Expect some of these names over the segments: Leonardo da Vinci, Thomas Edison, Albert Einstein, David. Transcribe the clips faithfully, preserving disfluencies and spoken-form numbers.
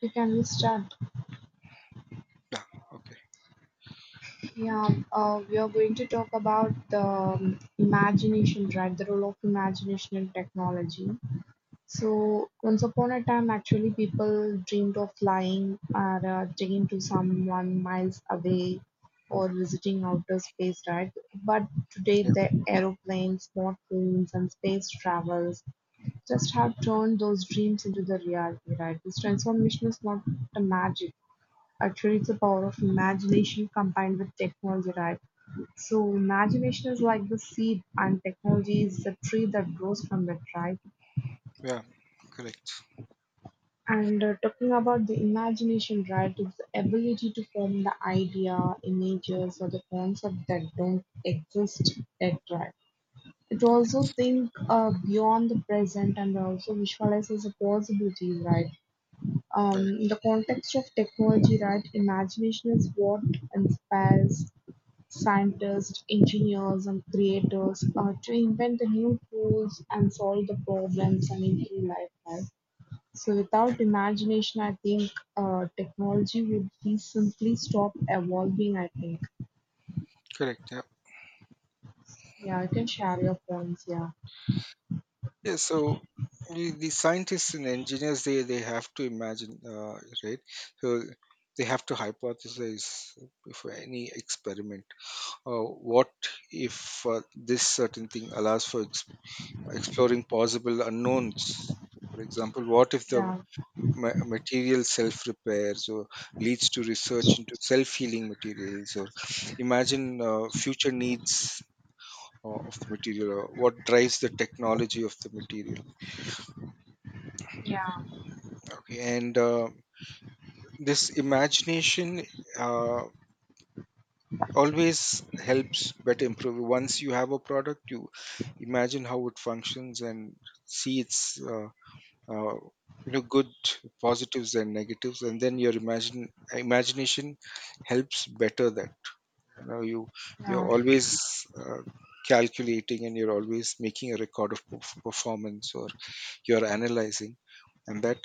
We can be stunned. Yeah. Okay. Yeah, uh, we are going to talk about the um, imagination, right? The role of imagination in technology. So, once upon a time, actually, people dreamed of flying or uh, taking to someone miles away or visiting outer space, right? But today, Yeah. the aeroplanes, smartphones, and space travels just have turned those dreams into the reality, right? This transformation is not a magic. Actually, it's the power of imagination combined with technology, right? So, imagination is like the seed, and technology is the tree that grows from it, right? Yeah. Correct. And uh, talking about the imagination, right, it's the ability to form the idea, images, or the concept that don't exist yet, right? It also think uh, beyond the present and also visualizes the possibilities, right? Right. Um, in the context of technology, right, imagination is what inspires scientists, engineers, and creators are to invent the new tools and solve the problems and improve life, right? So, Yeah. without imagination, I think uh, technology would be simply stop evolving, I think. Correct. Yeah. Yeah, you can share your points. Yeah. Yeah. So the, the scientists and engineers they they have to imagine, uh, right? So they have to hypothesize for any experiment. Uh, what if uh, this certain thing allows for ex- exploring possible unknowns? For example, what if the Yeah. ma- material self repairs or leads to research into self healing materials, or imagine uh, future needs uh, of the material, or what drives the technology of the material. Yeah, Okay, and uh, this imagination uh, always helps better improve. Once you have a product, you imagine how it functions and see its, uh, uh, you know, good positives and negatives, and then your imagine imagination helps better that, you know, you you're yeah. always, uh, calculating, and you're always making a record of perf- performance, or you're analyzing. And that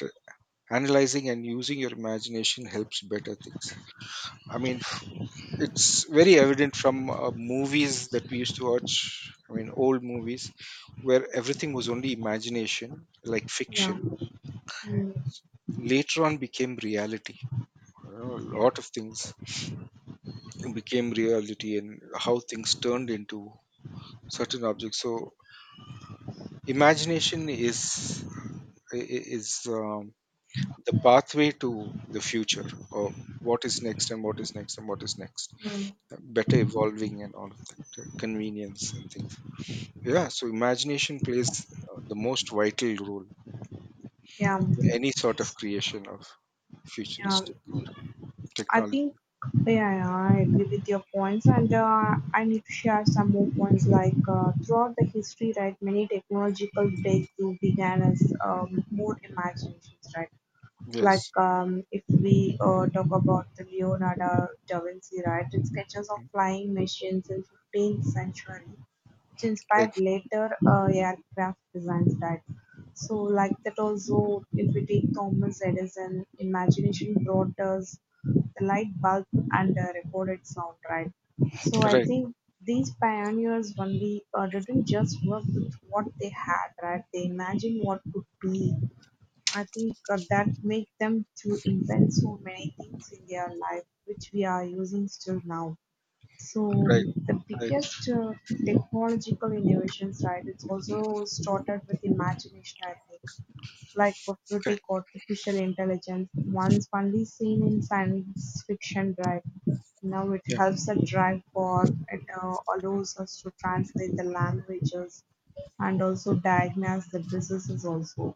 analyzing and using your imagination helps better things. I mean, it's very evident from uh, movies that we used to watch, I mean old movies, where everything was only imagination, like Yeah, fiction, mm, later on became reality. You know, a yeah. lot of things became reality and how things turned into certain objects. So imagination is i- i- is, um, the pathway to the future, or what is next, and what is next, and what is next, Mm. better evolving, and all of that uh, convenience and things. Yeah, so imagination plays uh, the most vital role Yeah. in any sort of creation of Yeah. futuristic or I think, technology. yeah, yeah, I agree with your points, and uh, I need to share some more points. Like uh, throughout the history, right, many technological breakthrough began as um, more imaginations, right. Like Yes. um, if we uh, talk about the Leonardo da Vinci, right, it's sketches of flying machines in fifteenth century, which inspired Right. later uh, aircraft designs, right? So like that also, if we take Thomas Edison, imagination brought us the light bulb and the recorded sound, right? So I Right. think these pioneers only uh, didn't just work with what they had, right? They imagined what could be. I think uh, that make them to invent so many things in their life, which we are using still now. So Right. the Right. biggest uh, technological innovations, right? It's also started with imagination, I think, like if you take Correct. artificial intelligence, once only seen in science fiction, right? Now it Yeah. helps us drive for it, uh, allows us to translate the languages and also diagnose the diseases also,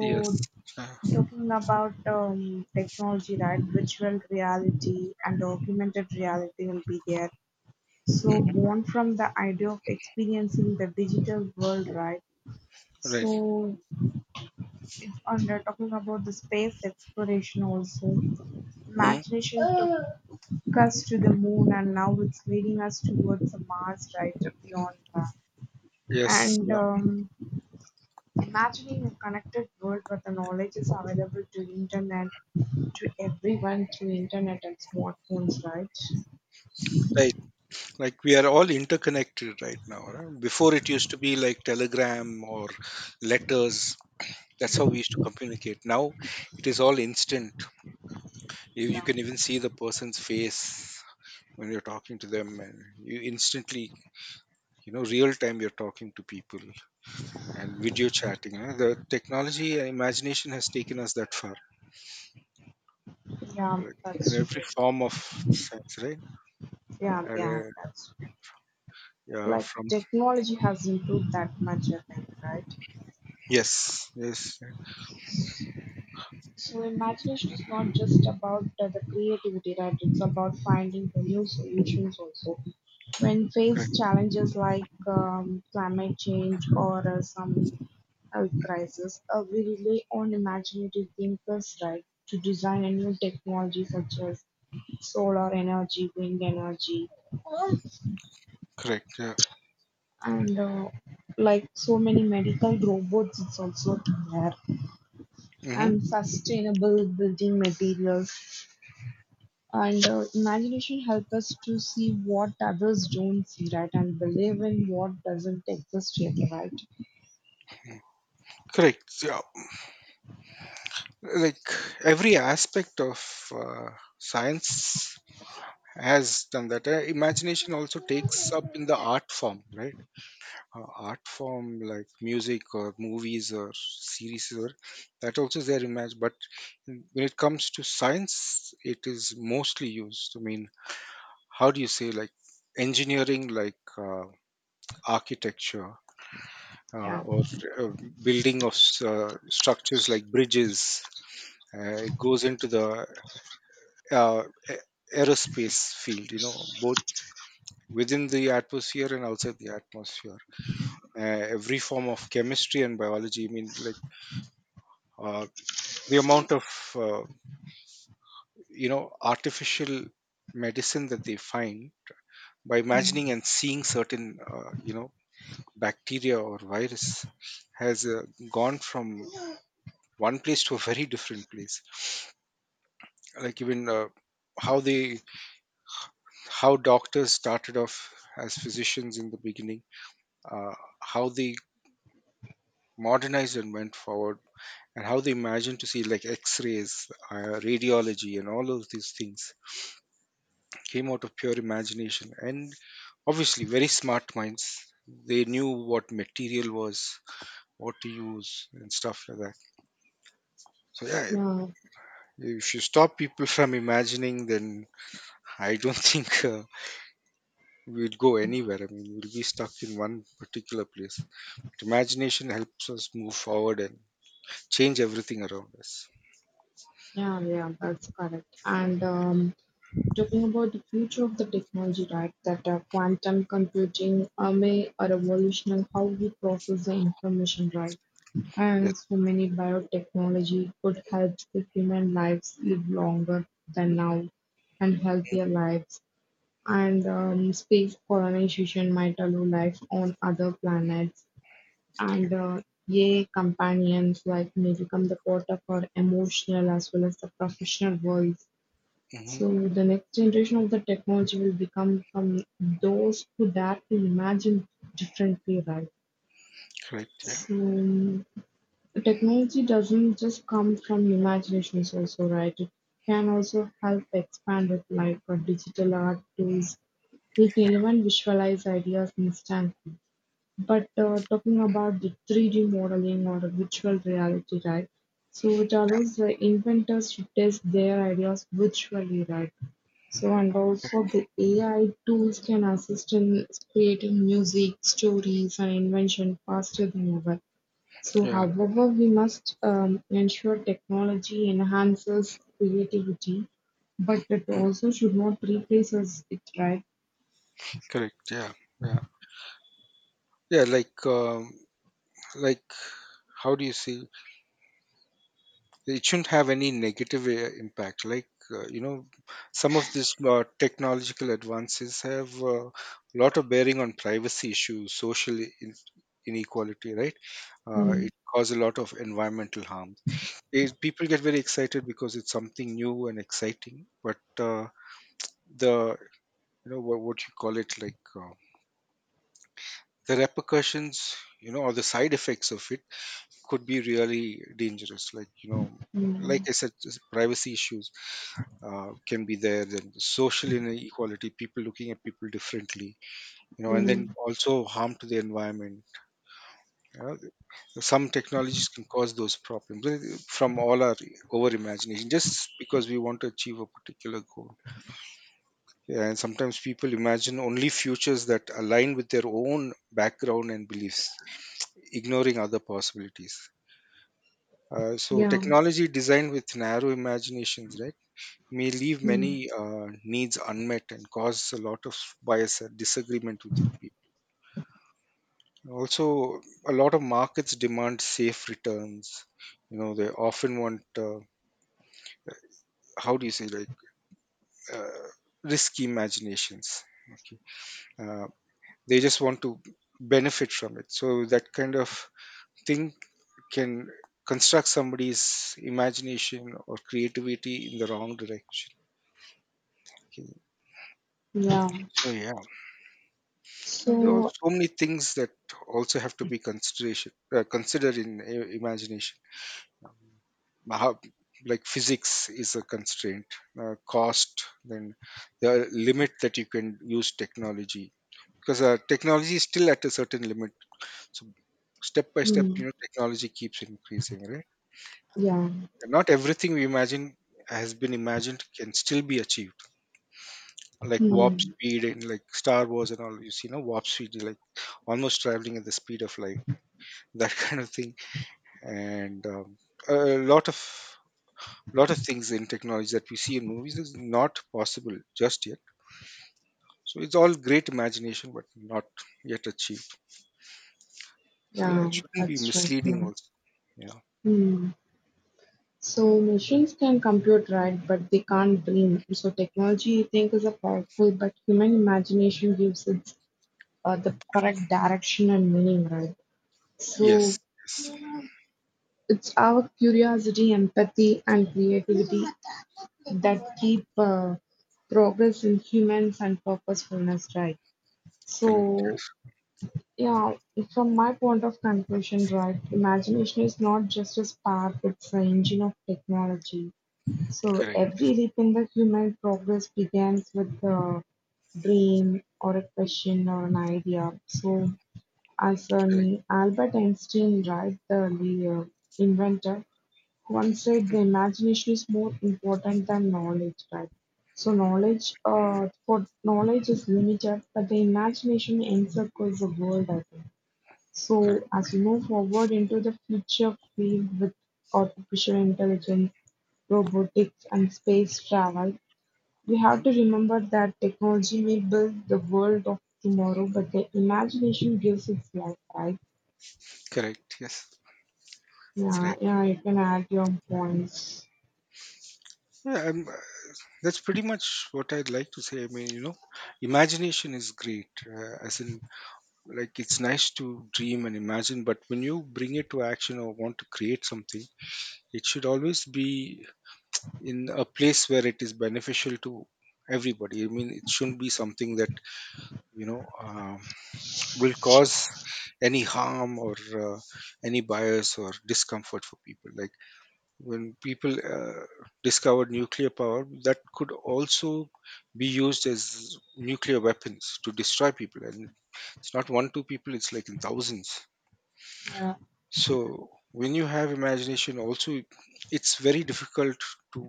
Yes. Uh, talking about um, technology, right? Virtual reality and augmented reality will be there. So, mm, born from the idea of experiencing the digital world, right? right, So, it's under talking about the space exploration also. mm, Imagination took us to the moon, and now it's leading us towards the Mars, right? Beyond that. yes, And yeah, um, imagining a connected world where the knowledge is available to internet to everyone through internet and smartphones, right? right, like we are all interconnected right now, right? Before it used to be like telegram or letters. That's how we used to communicate. Now it is all instant. You, you Yeah. can even see the person's face when you're talking to them, and you instantly, you know, real time, you're talking to people and video chatting. You know, the technology and imagination has taken us that far, Yeah, like, in that's every true. form of sense, right? Yeah, Uh, yeah, that's yeah, like from, technology has improved that much, I think, right? yes, yes, So imagination is not just about uh, the creativity, right? It's about finding the new solutions also. When correct, faced challenges like um, climate change or uh, some health crisis, uh, we rely on imaginative thinkers, right? To design a new technology such as solar energy, wind energy, correct, yeah. and uh, like so many medical robots, it's also there, Hmm. and sustainable building materials. And uh, imagination helps us to see what others don't see, right, and believe in what doesn't exist really, right? Correct. Yeah. Like every aspect of, uh, science, has done that. Uh, Imagination also takes up in the art form, right? Uh, art form like music or movies or series, or that also is their image. But when it comes to science, it is mostly used. I mean, how do you say, like engineering, like uh, architecture, uh, Yeah, or uh, building of s- uh, structures like bridges? Uh, it goes into the uh, a- aerospace field. You know, both within the atmosphere and outside the atmosphere. Uh, every form of chemistry and biology. I mean, like, uh, the amount of, uh, you know, artificial medicine that they find by imagining and seeing certain, uh, you know, bacteria or virus has uh, gone from one place to a very different place. Like, even uh, how they, how doctors started off as physicians in the beginning, uh, how they modernized and went forward, and how they imagined to see like x-rays, uh, radiology, and all of these things came out of pure imagination and obviously very smart minds. They knew what material was, what to use and stuff like that. So yeah, yeah, if you stop people from imagining, then I don't think, uh, we'll go anywhere. I mean, we'll be stuck in one particular place, but imagination helps us move forward and change everything around us. yeah, yeah, that's correct. And um, talking about the future of the technology, right, that uh, quantum computing uh, may revolutionize how we process the information, right? And Yes. so many biotechnology could help the human lives live longer than now and healthier lives. And um, space colonization might allow life on other planets. Mhm. And uh, yay, companions like may become the part of our emotional as well as the professional worlds. Mhm. So the next generation of the technology will become from those who dare to imagine differently, right? Right. Yeah. So technology doesn't just come from imaginations also, right? It can also help expand it, like uh, digital art tools. It even visualize ideas instantly. But uh, talking about the three D modeling or virtual reality, right? So it allows the inventors to test their ideas virtually, right? So and also the A I tools can assist in creating music, stories, and invention faster than ever. So, Yeah. however, we must um, ensure technology enhances creativity, but it also should not replace us, it right? Correct. Yeah. Yeah. Yeah. Like, um, like, how do you see? It shouldn't have any negative uh, impact. Like, uh, you know, some of these uh, technological advances have, uh, a lot of bearing on privacy issues, social in- inequality, right? Uh, Hmm. it causes a lot of environmental harm. They, people get very excited because it's something new and exciting, but uh, the, you know, what, what you call it, like, uh, the repercussions, you know, or the side effects of it could be really dangerous, like, you know, like Hmm. I said, just privacy issues, uh, can be there, then social inequality, people looking at people differently, you know, and then Hmm. also harm to the environment, you know. Some technologies can cause those problems uh, from all our over imagination, just because we want to achieve a particular goal. Yeah, and sometimes people imagine only futures that align with their own background and beliefs, ignoring other possibilities. Uh, so Yeah. technology designed with narrow imaginations, right, may leave Hmm. many uh, needs unmet and cause a lot of bias and disagreement within people. Also, a lot of markets demand safe returns. You know, they often want, uh, how do you say, like, uh, risky imaginations. Okay, uh, they just want to benefit from it. So that kind of thing can construct somebody's imagination or creativity in the wrong direction, okay? Yeah. So yeah, and there are So. so many things that also have to be consideration uh, considered in i- imagination. How, like, physics is a constraint, uh, cost, then the limit that you can use technology, because uh, technology is still at a certain limit. So step by step, Hmm. you know, technology keeps increasing, right? Yeah. And not everything we imagine has been imagined can still be achieved. Like warp Hmm. speed, and like Star Wars and all, you see, no warp speed, like almost traveling at the speed of light, that kind of thing, and um, a lot of, lot of things in technology that we see in movies is not possible just yet, so it's all great imagination, but not yet achieved. So yeah, Yeah. it shouldn't be That's right. misleading Yeah. also. Yeah. Hmm. So machines can compute, right? But they can't dream. So technology, you think, is a powerful, but human imagination gives it uh, the correct direction and meaning, right? Yes. So Yes. it's our curiosity, empathy, and creativity that keep uh, progress in humans and purposefulness, right. Correct. So, yeah, from my point of conclusion, right, imagination is not just a spark, it's an engine of technology. So, Correct. every leap in the human progress begins with a dream or a question or an idea. So, as Correct. an Albert Einstein, right, the, the uh, inventor, one said the imagination is more important than knowledge, right? So knowledge, uh, for knowledge is limited, but the imagination encircles the world, I think. Correct. So as we move forward into the future field with artificial intelligence, robotics, and space travel, we Mhm. have to remember that technology may build the world of tomorrow, but the imagination gives its life, right? Correct. Yes. Yeah, Correct. yeah, you can add your points. Yeah. um, uh, that's pretty much what I'd like to say. I mean, you know, imagination is great, uh, as in, like, it's nice to dream and imagine, but when you bring it to action or want to create something, it should always be in a place where it is beneficial to everybody. I mean, it shouldn't be something that, you know, um, will cause any harm, or uh, any bias or discomfort for people. Like, when people uh, discovered nuclear power, that could also be used as nuclear weapons to destroy people, and it's not one two people, it's like in thousands. Yeah, So when you have imagination also, it's very difficult to,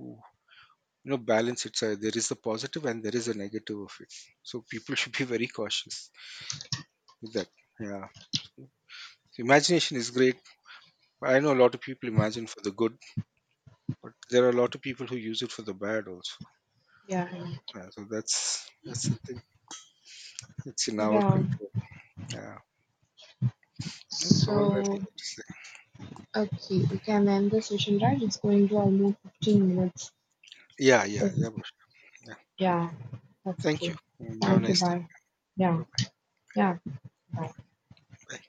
you know, balance. It's a, there is a positive and there is a negative of it, so people should be very cautious with that. Yeah. So, imagination is great. I know a lot of people imagine for the good, but there are a lot of people who use it for the bad also. yeah, Yeah, so that's that's the thing. It's in our yeah. control. Yeah. That's all I really So, like to say. okay, we can end the session, right? It's going to almost fifteen minutes. Yeah, yeah, Oh, yeah, Bhush. Yeah. yeah, Okay. Thank okay. you. Mm, have a Thank you, nice day. bye. Yeah, Bye bye. yeah, bye. Bye.